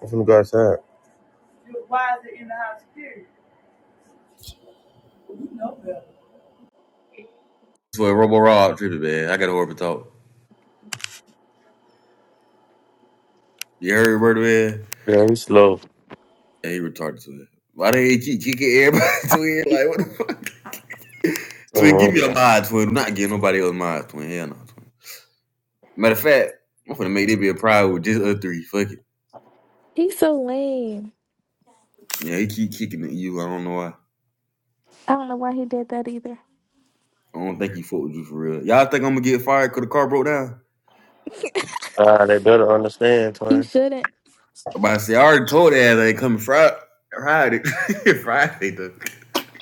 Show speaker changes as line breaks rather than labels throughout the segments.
I'm finna go outside.
That's what Robo Rob tripping, man. I got to over talk. You heard Roberto, man?
Yeah, he's slow.
Yeah, he retarded to it. Why they keep kicking everybody to it? Like, what the fuck? Twin, give
So,
me a mod, twin. I'm not getting nobody else mod, twin. Hell no, twin. Matter of fact, I'm gonna make that be a pride with just other three. Fuck it.
He's so lame.
Yeah, he keep kicking at you. I don't know why.
I don't know why he did that either.
I don't think he fucked with you for real. Y'all think I'm gonna get fired because the car broke down?
uh, they better understand,
You
twin.
shouldn't.
I'm about to say, I already told that ass I ain't coming Friday. Friday. Friday, though.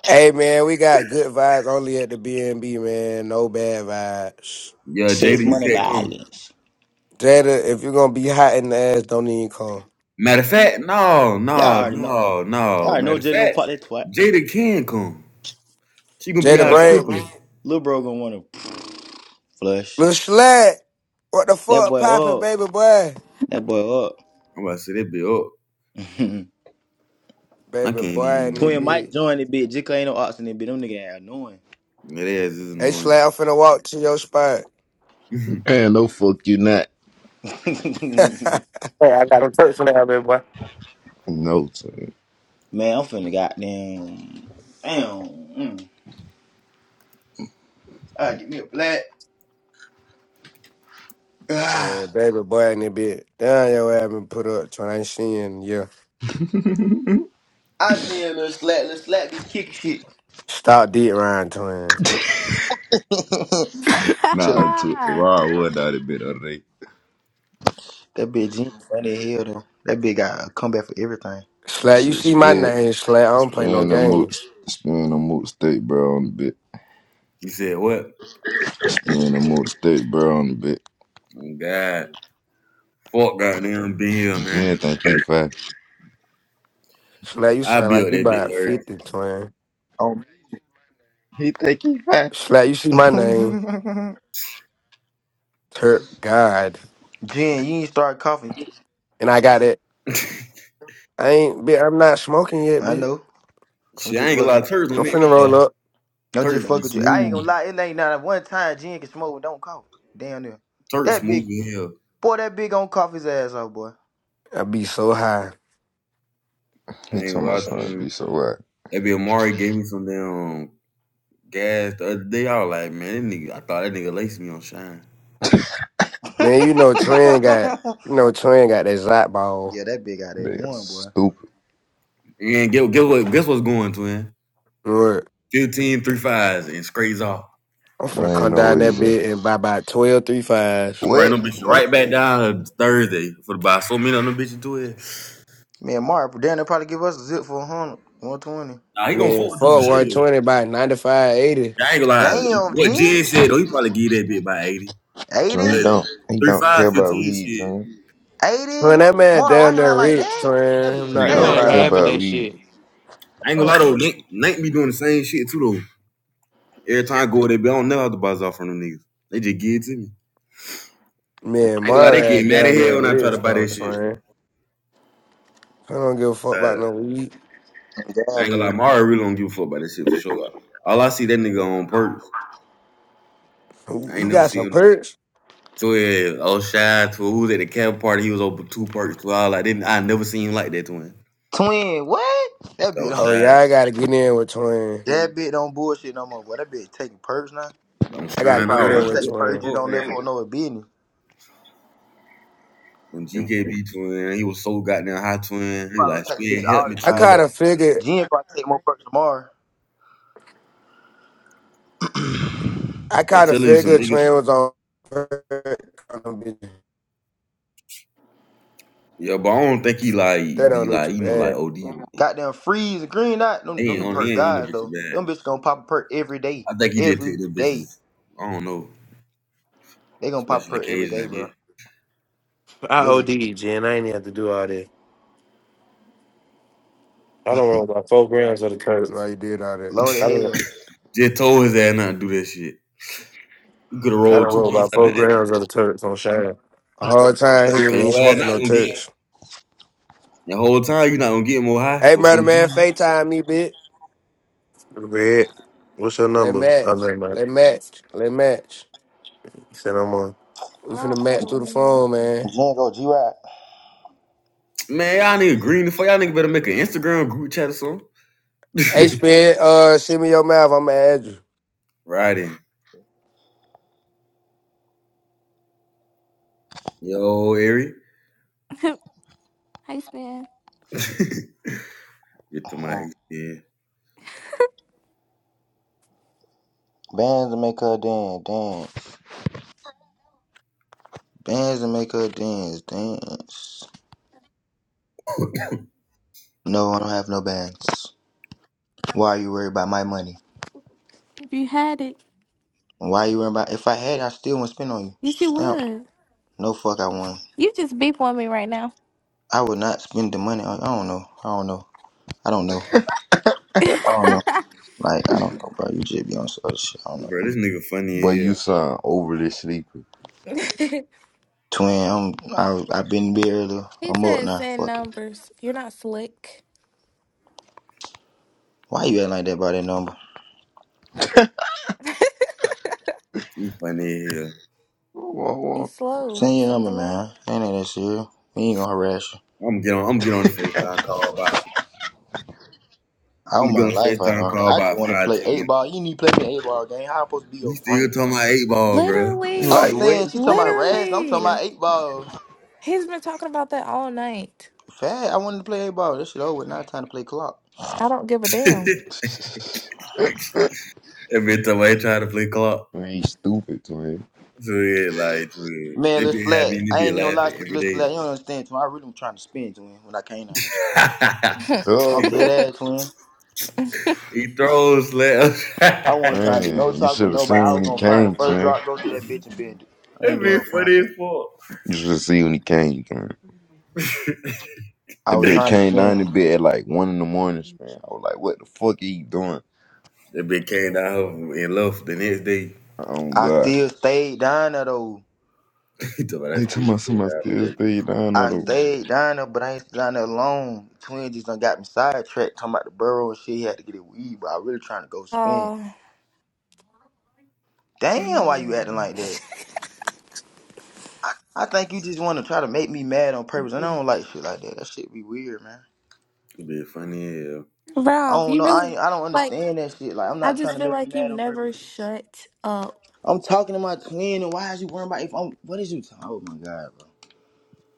Hey man, we got good vibes only at the BNB, man. No bad vibes.
Yeah, Jada,
Six
you
money,
can't come.
violence.
Jada, if you're gonna be hot in the ass, don't even come.
Matter of fact, no,
Y'all
no,
already know.
no,
Y'all
no.
already know
Matter of
Jay gonna
fact,
pop that twat.
Jada can come. She gonna
Lil
be
Jada
out
bro,
Brain,
stripping.
Lil bro gonna wanna flush.
Lil Slat, what the
That
fuck
boy
poppin',
up.
baby boy?
That boy up.
I'm about to say that be up. I
Baby
can't
boy in the
Twin Mike
bitch.
even.
joined it, bitch. Jika ain't no oxen in it, bitch. Them nigga ain't annoying.
That ass is
Hey
annoying.
Slat, I'm finna walk to your spot.
you
And no fuck you not.
Hey, I got a church now, baby boy.
No sir.
Man, I'm finna goddamn. Damn. Mm. I give me a black. Ah.
man, baby boy in the bitch. Damn, your ass been put up, twin. I ain't seen you in a year.
I seen a little slap, little slap be kicking shit.
Stop dead round, twin.
Chill out.
Nah, it's raw wood out of bit other day.
That bitch Jean funny as hell though. That bitch got a comeback for everything.
Slat, you
Shit,
see my
spin
name, Slat. I don't play no
spin the mood
games.
spin the mood state bro on the bit.
said what?
Spin the mood state bro on the bit.
Oh, God, fuck goddamn being here, man.
Jen think he fat.
Slat, you
I'll
sound
be
like
up
you
that
about
bitch
50, twin.
Oh.
He think he fat.
Slap, you see my name, Turk God,
Jen, you ain't start coughing.
and I got it.
Thursday.
I ain't, bitch. I'm not smoking yet,
I
bitch.
know. I'm
Shit, I
just
ain't gonna lie.
fucking.
Turks gonna
I'm
make
finna
me
roll
call.
up.
I'm just
Turks be
fucking with you. I ain't gonna
smooth.
lie. It ain't not one time Jen can smoke and don't cough. Damn near.
Turks
That
smooth
big
in here.
boy. That big on cough his ass off, boy.
I be so high,
He
I ain't gonna
told my
lie to
son
him.
be so what?
That be Amari gave me some damn gas the other day. I was like, man, that nigga. I thought that nigga laced me on shine.
yeah,
man. You know, Twin got, you know, Twin got that Zot ball.
that big out
They
there
are
one boy.
stupid.
And guess, guess what? Guess what's going, twin?
Lord,
15 three fives and scrapes off.
I'm finna
Why ain't
come
no
down
way,
that
bro?
bitch and buy about 12 three fives.
To bring
What?
them bitches
What?
right back down to Thursday for the buy so many of them bitches to it.
Man, Mark, damn, they probably give us a zip for a hundred, one twenty.
Nah, he gonna
Man,
fuck with you
for
for sure.
120 by 95, 80.
I ain't gonna lie.
Damn,
What
Jen,
Jen said, though, he probably give that bitch by 80.
So
But
he
80,
don't he
3
don't
5,
care about
fifteen,
weeds,
shit.
huh?
When
80.
that man
Mark
down
rocking out
there
like
rich,
that. That
Twin,
be the
I'm
He
I
not
ain't
That
gonna
gonna
lie
don't
to
scam
man
lie.
care
guy,
those.
having
boy.
about
that
weeds.
shit.
I ain't gonna lie though. Nate, Nate be doing the same shit too though. Every time I go with that bitch, I don't know how to buy off from them niggas. They just give it to me.
Man,
I ain't gonna lie, they
Mara
get mad at
down
hell
there
when I try to
rich
buy
though,
that shit.
Twin. I don't give a fuck
Uh,
about no weed.
I
Damn,
ain't gonna lie,
dude.
Mario really don't give a fuck about that shit for sure. All I see that nigga on perks. I
He
ain't never
got some
seen him.
perks.
So yeah, oh shy to who was at the cap party, he was over two perks to all I didn't I never seen him like that twin.
Twin, what? That
Oh
bit
not
don't.
Oh
shy.
yeah, I gotta get in with Twin.
That bit don't bullshit no more, boy. That bit taking perks now.
Don't
I gotta
If
shine.
I
get
I was
in
didn't
like,
take
with
the
what
first, you
Twin.
the
don't
fuck?
let for no business.
When GKB twin, he was so goddamn high twin.
You
He was
Probably
like,
gonna take the bitch
Spin, help
all
me
the
I
time
kind
twin.
though.
of figured.
Jen probably take more perks tomorrow.
I
I'm
kind of
telling you some
figured
niggas.
Twin was on.
Yeah, but I don't think he
That
like
don't
be
hit
like,
you
you know,
bad.
like OD. He
Goddamn freeze and green night. Them, them the
ain't on he
perk
ain't on the
guys
bitch
though.
bad.
Them bitches gonna pop a perk every day.
I think he just
Every
take them
day.
bitches. I don't know.
They gonna pop a
Special
perk every
occasions,
day,
I
bro.
guess.
I
Literally.
OD, Jen. I ain't have to do all that. I don't roll about four grams of the turf.
Why you did all that?
Low the
I don't.
hell.
Just told his ass not to do that shit. You could have
I don't
rolled two
roll
points
about
out
four
of that.
grams of the turf on Shine.
The whole time he ain't
Cause
even
your ass
smoking
not
no
gonna get
touch.
the whole time. You not gonna get more high
Hey,
for
murder
four
man,
G's.
FaceTime me, bitch.
Red. What's your
Let
number? I
match.
know, man.
Let match. Let match.
You said I'm on.
We finna
Rob's so
match through the
lame.
phone, man.
Jen go G Rap.
Man, y'all nigga green the fuck. Y'all nigga better make an Instagram group chat or something.
Hey, Spin, uh, send me your mouth. I'ma add you.
Right in, yo, Ari.
hey, Span.
get to my yeah,
Bands to make her dance, dance. Bands to make her dance, dance. No, I don't have no bands. Why are you worried about my money?
If you had it,
Why are you worried about if I had I still wouldn't spend on you.
yes, you
Stamp.
would.
No fuck I won.
You just beep on me right now.
I would not spend the money on. I don't know. I don't know. I don't know.
he
I don't know. Like I don't know, bro. You just be on some other shit. I don't know.
bro. This nigga funny
But
as
you
hell.
sound overly sleepy.
Twin, I'm. I I been there. though. I'm up
said
now.
send
Fuck it.
numbers. You're not slick.
Why you acting like that about that number?
He funny as hell.
He's
Like
slow.
Send your number,
Something wrong.
man. Ain't that serious? We ain't gonna harass you.
I'm gonna get on. I'm gonna get on the Facetime call about.
All
I'm
my
gonna get on the
life, I
Facetime
don't.
call
I just
about
want to
five
play
ten
eight
minutes.
ball. You need to play me eight ball game. How I supposed to be your
He still
friend?
talking about eight ball, bro.
I'm
Literally.
saying
what,
she talking about
spin?
harass. I'm talking
Literally.
about eight ball.
He's been talking about that all night.
Fat. I wanted to play eight ball. This shit over. Now it's time to play clock.
I don't give a damn.
Every time I trying to play clock.
Man, he's stupid, twin.
So yeah, like so, yeah.
Man,
they
Lil
be
Slack,
happy and they
I
be
ain't even gonna lie,
laughing every
Lil Slack, you don't understand, twin. I really was trying to spin, twin, when I came down there.
day.
Oh,
I'm dead
man.
ass, twin.
he throws slaps.
I wasn't
it
trying to do no
Man, you
talk with
should have
nobody. I
seen
was
when he
gonna find the
came,
first
twin.
drop, go through that bitch and bend it. I ain't doing
be
no fun.
funny as fuck.
You should have seen when he came, twin.
I
That
was
bitch
trying to
came
spin.
down the bed at like one in the morning, man. I was like, what the fuck are you doing?
They be came down and left the next day.
Oh,
I
God.
still stayed down there, though.
he told me I
He
still
talking about
stayed
somebody
out
still
it.
stay down
I
there.
stayed down there, but I ain't down there alone. Twin just done got me sidetracked, talking about the burrow and shit. He had to get it weed, but I really trying to go spin. Damn, why you acting
Oh.
like that? I think you just want to try to make me mad on purpose, and I don't like shit like that. That shit be weird, man.
be funny as hell.
I
Rob,
don't
you
know. I
really
ain't, I don't
like
understand that shit. Like, I'm
I
not trying
just
to
feel
make you
like you've
mad on
never
purpose.
shut up.
I'm talking to my twin, and why is you worrying about if I'm? What is you talking? Oh my god, bro.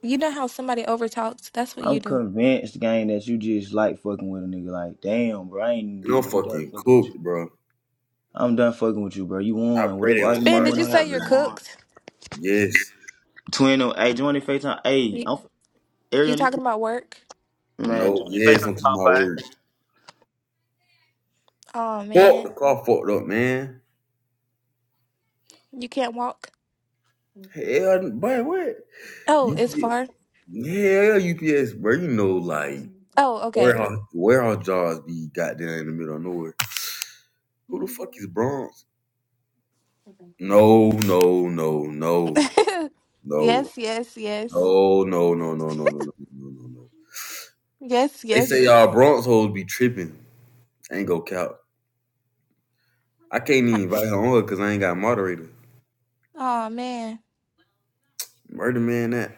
You know how somebody overtalks? That's what you
I'm
do.
convinced, gang, that you just like fucking with a nigga. Like, damn, bro, I ain't
No
did. I'm done
fucking
fucking with you.
cook, bro.
I'm done fucking with you, bro. You
I
won.
pray they
Whatever
don't
argument
Spin,
you
fire
did
my
you
wanna have,
say you're
dumb
you
ass.
won.
cooked?
Yes.
Twin, oh, hey, join the FaceTime. Hey,
You,
I'm
you
Arian.
talking
you-
about work?
Man, join
No,
the
yes,
FaceTime
I'm to
call
my
five.
word.
Oh
Fuck
man,
the car fucked up, man.
you can't walk.
Hell, boy, what?
Oh,
You,
it's far.
hell, UPS, bro. You know, like
Oh, okay.
Warehouse warehouse jobs be goddamn in the middle of nowhere. Who the fuck is Bronx? No, no, no, no,
yes,
no, no,
yes, yes.
no, no, no, no, no, no, no, no, no.
Yes,
They say
yes.
y'all Bronx hoes be tripping. I ain't go count. I can't even invite her on her because I ain't got a moderator.
Oh man.
Murder man, that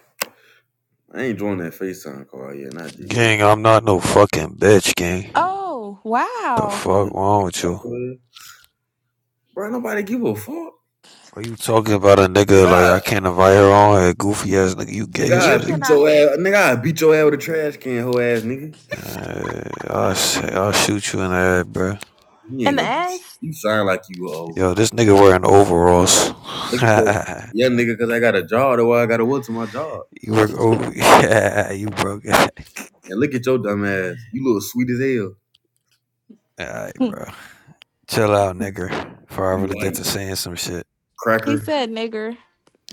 I ain't joining that FaceTime call yet. Not just yet.
Gang, I'm not no fucking bitch, gang.
Oh,
The
wow.
fuck wrong with you?
Bro, nobody give a fuck.
Why you talking about a
Nigga,
nigga like
I,
I can't invite her on a goofy ass nigga? You gay
nigga,
or
I
You
some shit?
beat
cannot
your ass. Nigga, I beat your ass with a trash
in
can, hoe ass nigga.
Uh, I'll, I'll shoot you in the head, bro.
You ain't
the
gonna do shit.
ass.
You sound like you a hoe.
Yo, this nigga wearing overalls.
Look at your young nigga, because I got a job, or I got to work to my job.
you work over? Yeah, you broke. it.
And look at your dumb ass. You look sweet as hell.
Alright, bro. Chill out, nigga. Before I
You
really get
white.
to saying some shit.
he
Cracker
said nigger.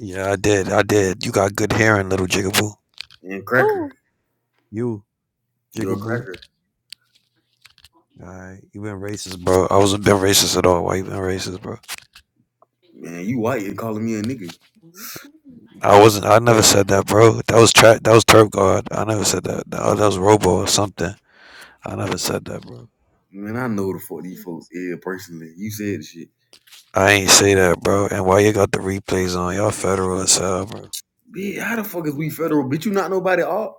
Yeah, I did. I did. You got good hearing, little jigaboo.
and
Ooh.
cracker.
You,
You're a
jigaboo.
cracker.
Alright, you been racist, bro. I wasn't been racist at all. Why you been racist, bro?
Man, you white and calling me a nigga.
I wasn't. I never
Oh,
said that, bro. That was tra- That was turf guard. I never said that. That that was robo or something. I never said that, bro.
man, I know the fuck these folks yeah, personally. You said the shit.
I ain't say that, bro. And why you got the replays on? Y'all federal as hell, bro.
Bitch, how the fuck is we federal? Bitch, you not nobody off?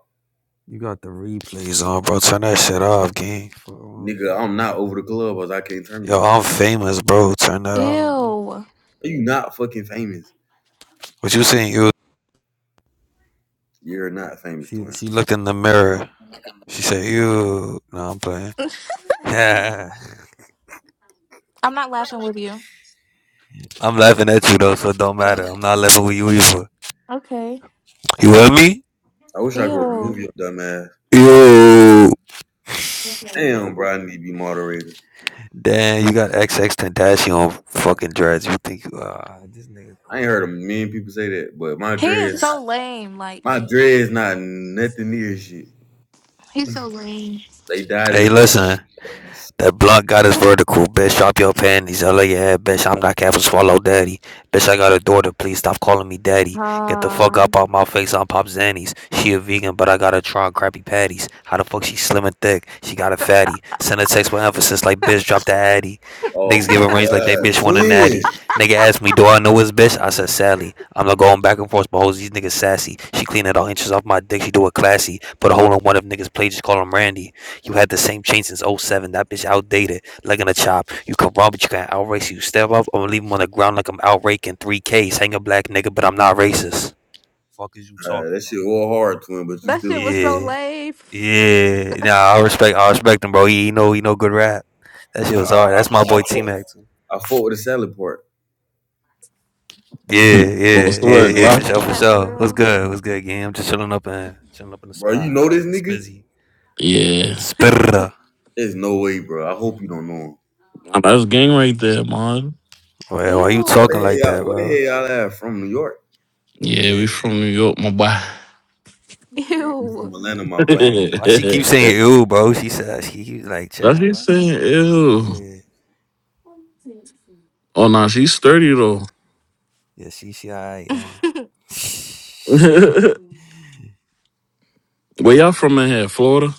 You got the replays on, bro. Turn that shit off, gang. Fuck wrong with
Nigga,
you?
I'm not over the club or I can't turn it
Yo,
off.
I'm famous, bro. Turn that off, gang.
Ew.
You not fucking famous.
What you saying? You?
You're not famous,
She
twin.
she looked in the mirror. She said, "You." No, I'm playing. Yeah.
I'm not laughing with you.
I'm laughing at you though, so it don't matter. I'm not laughing with you either.
Okay.
You with me?
I wish I could
Ew.
remove your dumb ass.
Yo.
Damn, bro, I need to be moderator.
Damn, you got XX Tentacion fucking dreads. You think you uh, this nigga
I ain't heard a
corny?
million people say that, but my
He is
dreads,
so lame. Like
my dreads, not nothing near shit.
he's so lame.
They died in
Hey,
the back.
listen. That blood got us vertical. Bitch, drop your panties. Hell of your head, bitch. I'm not careful, swallow daddy. Bitch, I got a daughter. Please stop calling me daddy. Get the fuck
Uh,
up out my face. I'm Pop Zannies. She a vegan, but I got her trying crappy patties. How the fuck she slim and thick? She got a fatty. Send a text with emphasis like, bitch, drop the addy.
Oh
Niggas give a
my
range like they
god,
bitch want a
twin!
natty. Nigga asked me, do I know his bitch? I said, Sally. I'm not going back and forth, but hoes, these niggas sassy. She clean it all inches off my dick. She do it classy. Put a hole in one of niggas' plate, just call him Randy. You had the same chain since '07. That bitch outdated, like in a chop. You can run, but you can't outrace. You step up to leave him on the ground like I'm outraking 3Ks. Hang a black nigga, but I'm not racist. Fuck is you
Uh,
talking
that
about?
shit all hard, twin, but you
that
still a
shit was so
bitch.
Yeah,
lame.
yeah. Nah, I respect, I respect him, bro. He, he know, he know good rap. That shit
Nah,
was hard.
I, I,
That's my
I,
boy T
fought,
Mac too.
I fought with the salad part,
Yeah,
What's
yeah,
the
Man,
yeah,
you
word,
were
yeah. For
Glam?
sure,
listening to
for
that for
sure. What's
real.
good? What's good, gang? I'm just chilling up in, chilling up in the
bro. You
spot.
know this
The
nigga?
spizzy, the
Yeah.
spitter.
There's no way, bro. I hope you don't know him.
Nah, That's gang right there, man.
Well, why you
What
talking
Ew.
the
like
hell?
that,
Y'all, what the
bro?
hell? Y'all have from New York?
Yeah, we
Yeah.
from New York, my boy.
Man, we
Ew.
from Atlanta, my
That's
boy.
Why she keep saying ew, bro? She said she keeps like, chill,
she
bro.
saying, ew.
Yeah.
Oh, nah, she's sturdy, though.
Yeah, she she alright, yeah. Shit.
Where y'all from in here? Florida?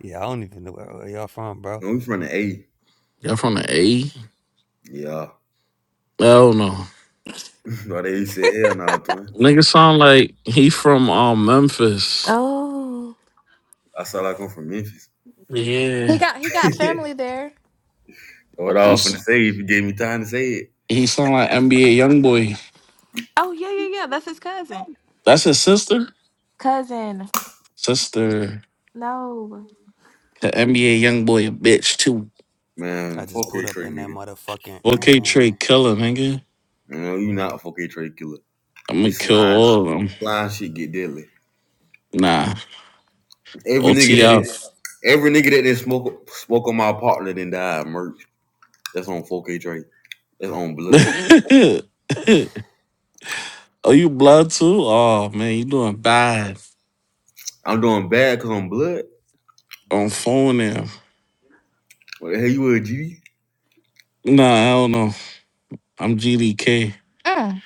Yeah, I don't even know where, where y'all from, bro.
No, we from the A.
Y'all from the
Uh,
A? I
Yeah,
don't know.
but they said hell, no, nah, twin.
Nigga sound like he from um, Memphis.
oh.
I saw I come from Memphis.
He
Yeah.
got he got family there.
what I was finna
He's,
say if you gave me time to say it.
he sound like NBA Youngboy.
Oh yeah yeah yeah. That's his cousin.
That's his sister?
Cousin.
Sister.
No.
The NBA Youngboy a bitch, too.
I
Man,
just
fuck
put
A
up
Trey,
in that
nigga.
motherfucking
4K Trey
mm.
killer, nigga.
You know, you not a fuck A Trey killer.
I'm gonna
This
kill
slime,
all of them.
slime shit get deadly.
Nah,
Every nigga that did
OTF.
every nigga that did not smoke smoke on my partner then died merch. That's on fuck A Trey. That's on blood.
oh, you blood too? Oh man, you doing bad
I'm doing bad cause I'm blood.
on phone now?
What the hell you with GD?
Nah, I don't know. I'm GDK.
Mm.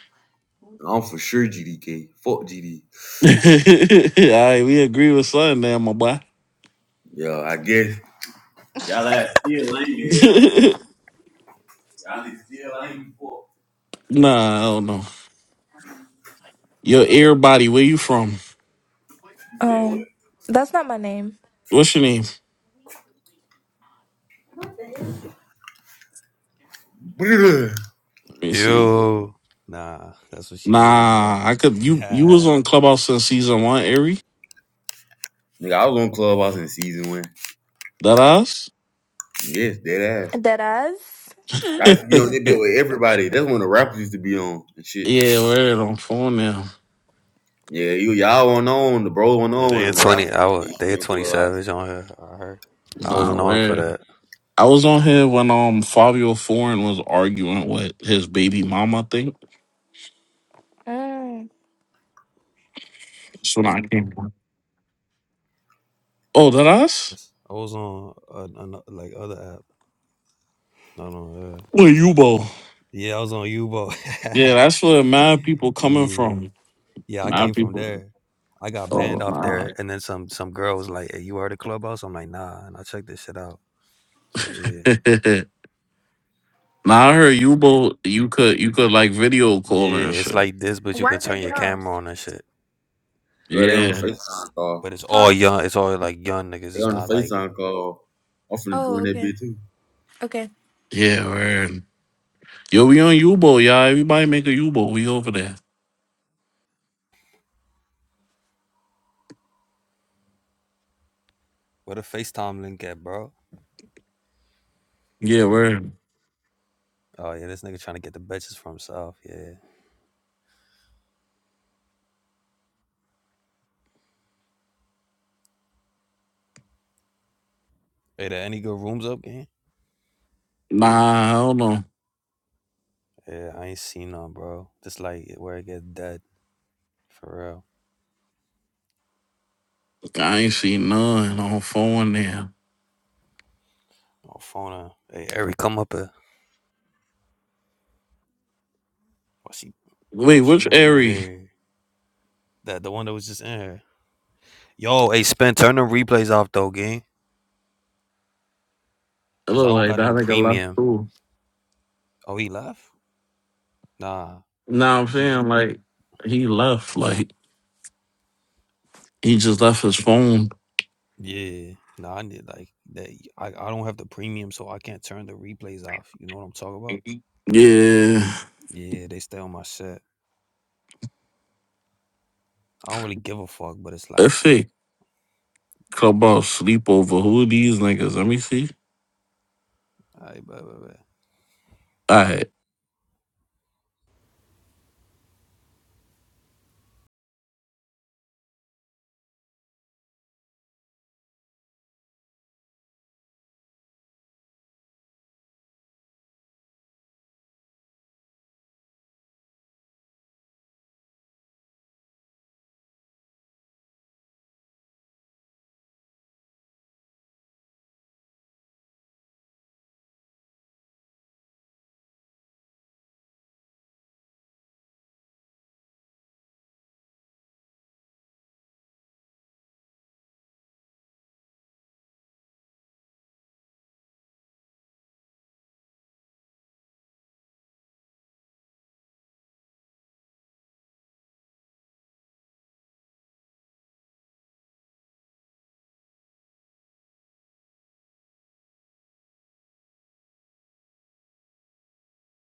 am for sure GDK. Fuck GD.
all right, we agree with something there, my boy.
Yeah, I guess. Y'all ass still lame here. Y'all niggas still lame fuck.
nah, I don't know. Yo, everybody, where you from?
You said what?
Um. That's not my name.
What's your name?
Bruh.
Let me see.
Ew. Nah, that's what she be on, bro.
Nah, I could. You you
Yeah.
was on Clubhouse since season one, Ari.
Nigga, I was on Clubhouse in season one.
That us?
Yes, dead ass.
Deadass.
I
yeah,
used to be on that bit with everybody. That's when the rappers used to be on and shit.
we're on phone now.
Yeah, you y'all went on, the bro went
yeah they
on,
had
and the
twenty
rappers
I was
used to
they
be
had
on
twenty
Clubhouse.
savage on her. I heard. I
Nah,
wasn't on for
weird.
that.
I
But
was on here when um Fabio Foreign was arguing with his baby mama. I think
Mm.
that's when I came. Oh, that us?
yes, I was on uh, an, like other app, not on. Uh,
Where you bo?
yeah, Yeah, I was on Ubo.
Yeah, that's where mad people coming
yeah,
from.
yeah, I came
Mad
from
people.
there. I got banned
Oh
off
nah.
there, and then some some girl was like, "Hey, you heard of Clubhouse?" I'm like, "Nah," and I checked this shit out. So yeah,
nah, I heard you bo. You could you could like video call
yeah,
and
it's
shit.
like this, but you
Why
can
did they
turn
get
your
off?
camera on and shit.
Girl, they on the
Yeah,
FaceTime call.
But it's all
Huh?
young. It's all like young niggas.
They
It's
on the
not like
FaceTime call. I'm finna
Oh,
join that
okay.
bit too.
Okay.
yeah, word. Yo, we on Ubo, y'all. Everybody make a Ubo. We over there.
where the FaceTime link at, bro.
Yeah, word.
Oh yeah, this nigga trying to get the bitches for himself. Yeah. Hey, there any good rooms up, gang?
Nah, I don't know.
Yeah, I ain't seen none, bro. Just like where it gets dead for real.
I ain't seen none on phone there.
Oh, phone her. Hey, Eric, come up here. Oh, she, yo,
Wait,
she
which
moving
area?
weird. That the one that was just in here. Yo, hey, Spin, turn the replays off though, gang.
It
Cause I
look
don't
like
got
that
no
nigga left
premium.
too.
Oh, he left. Nah,
Now I'm
he in.
saying like he left, like he just left his phone.
Yeah, no, I need like that. I, I don't have the premium, so I can't turn the replays off. You know what I'm talking about?
Yeah,
Yeah, they stay on my shit. I don't really give a fuck, but it's like,
that's it.
it's,
Clubhouse sleepover. Who are these niggas? Let me see.
all right, blah, blah, blah.
All right.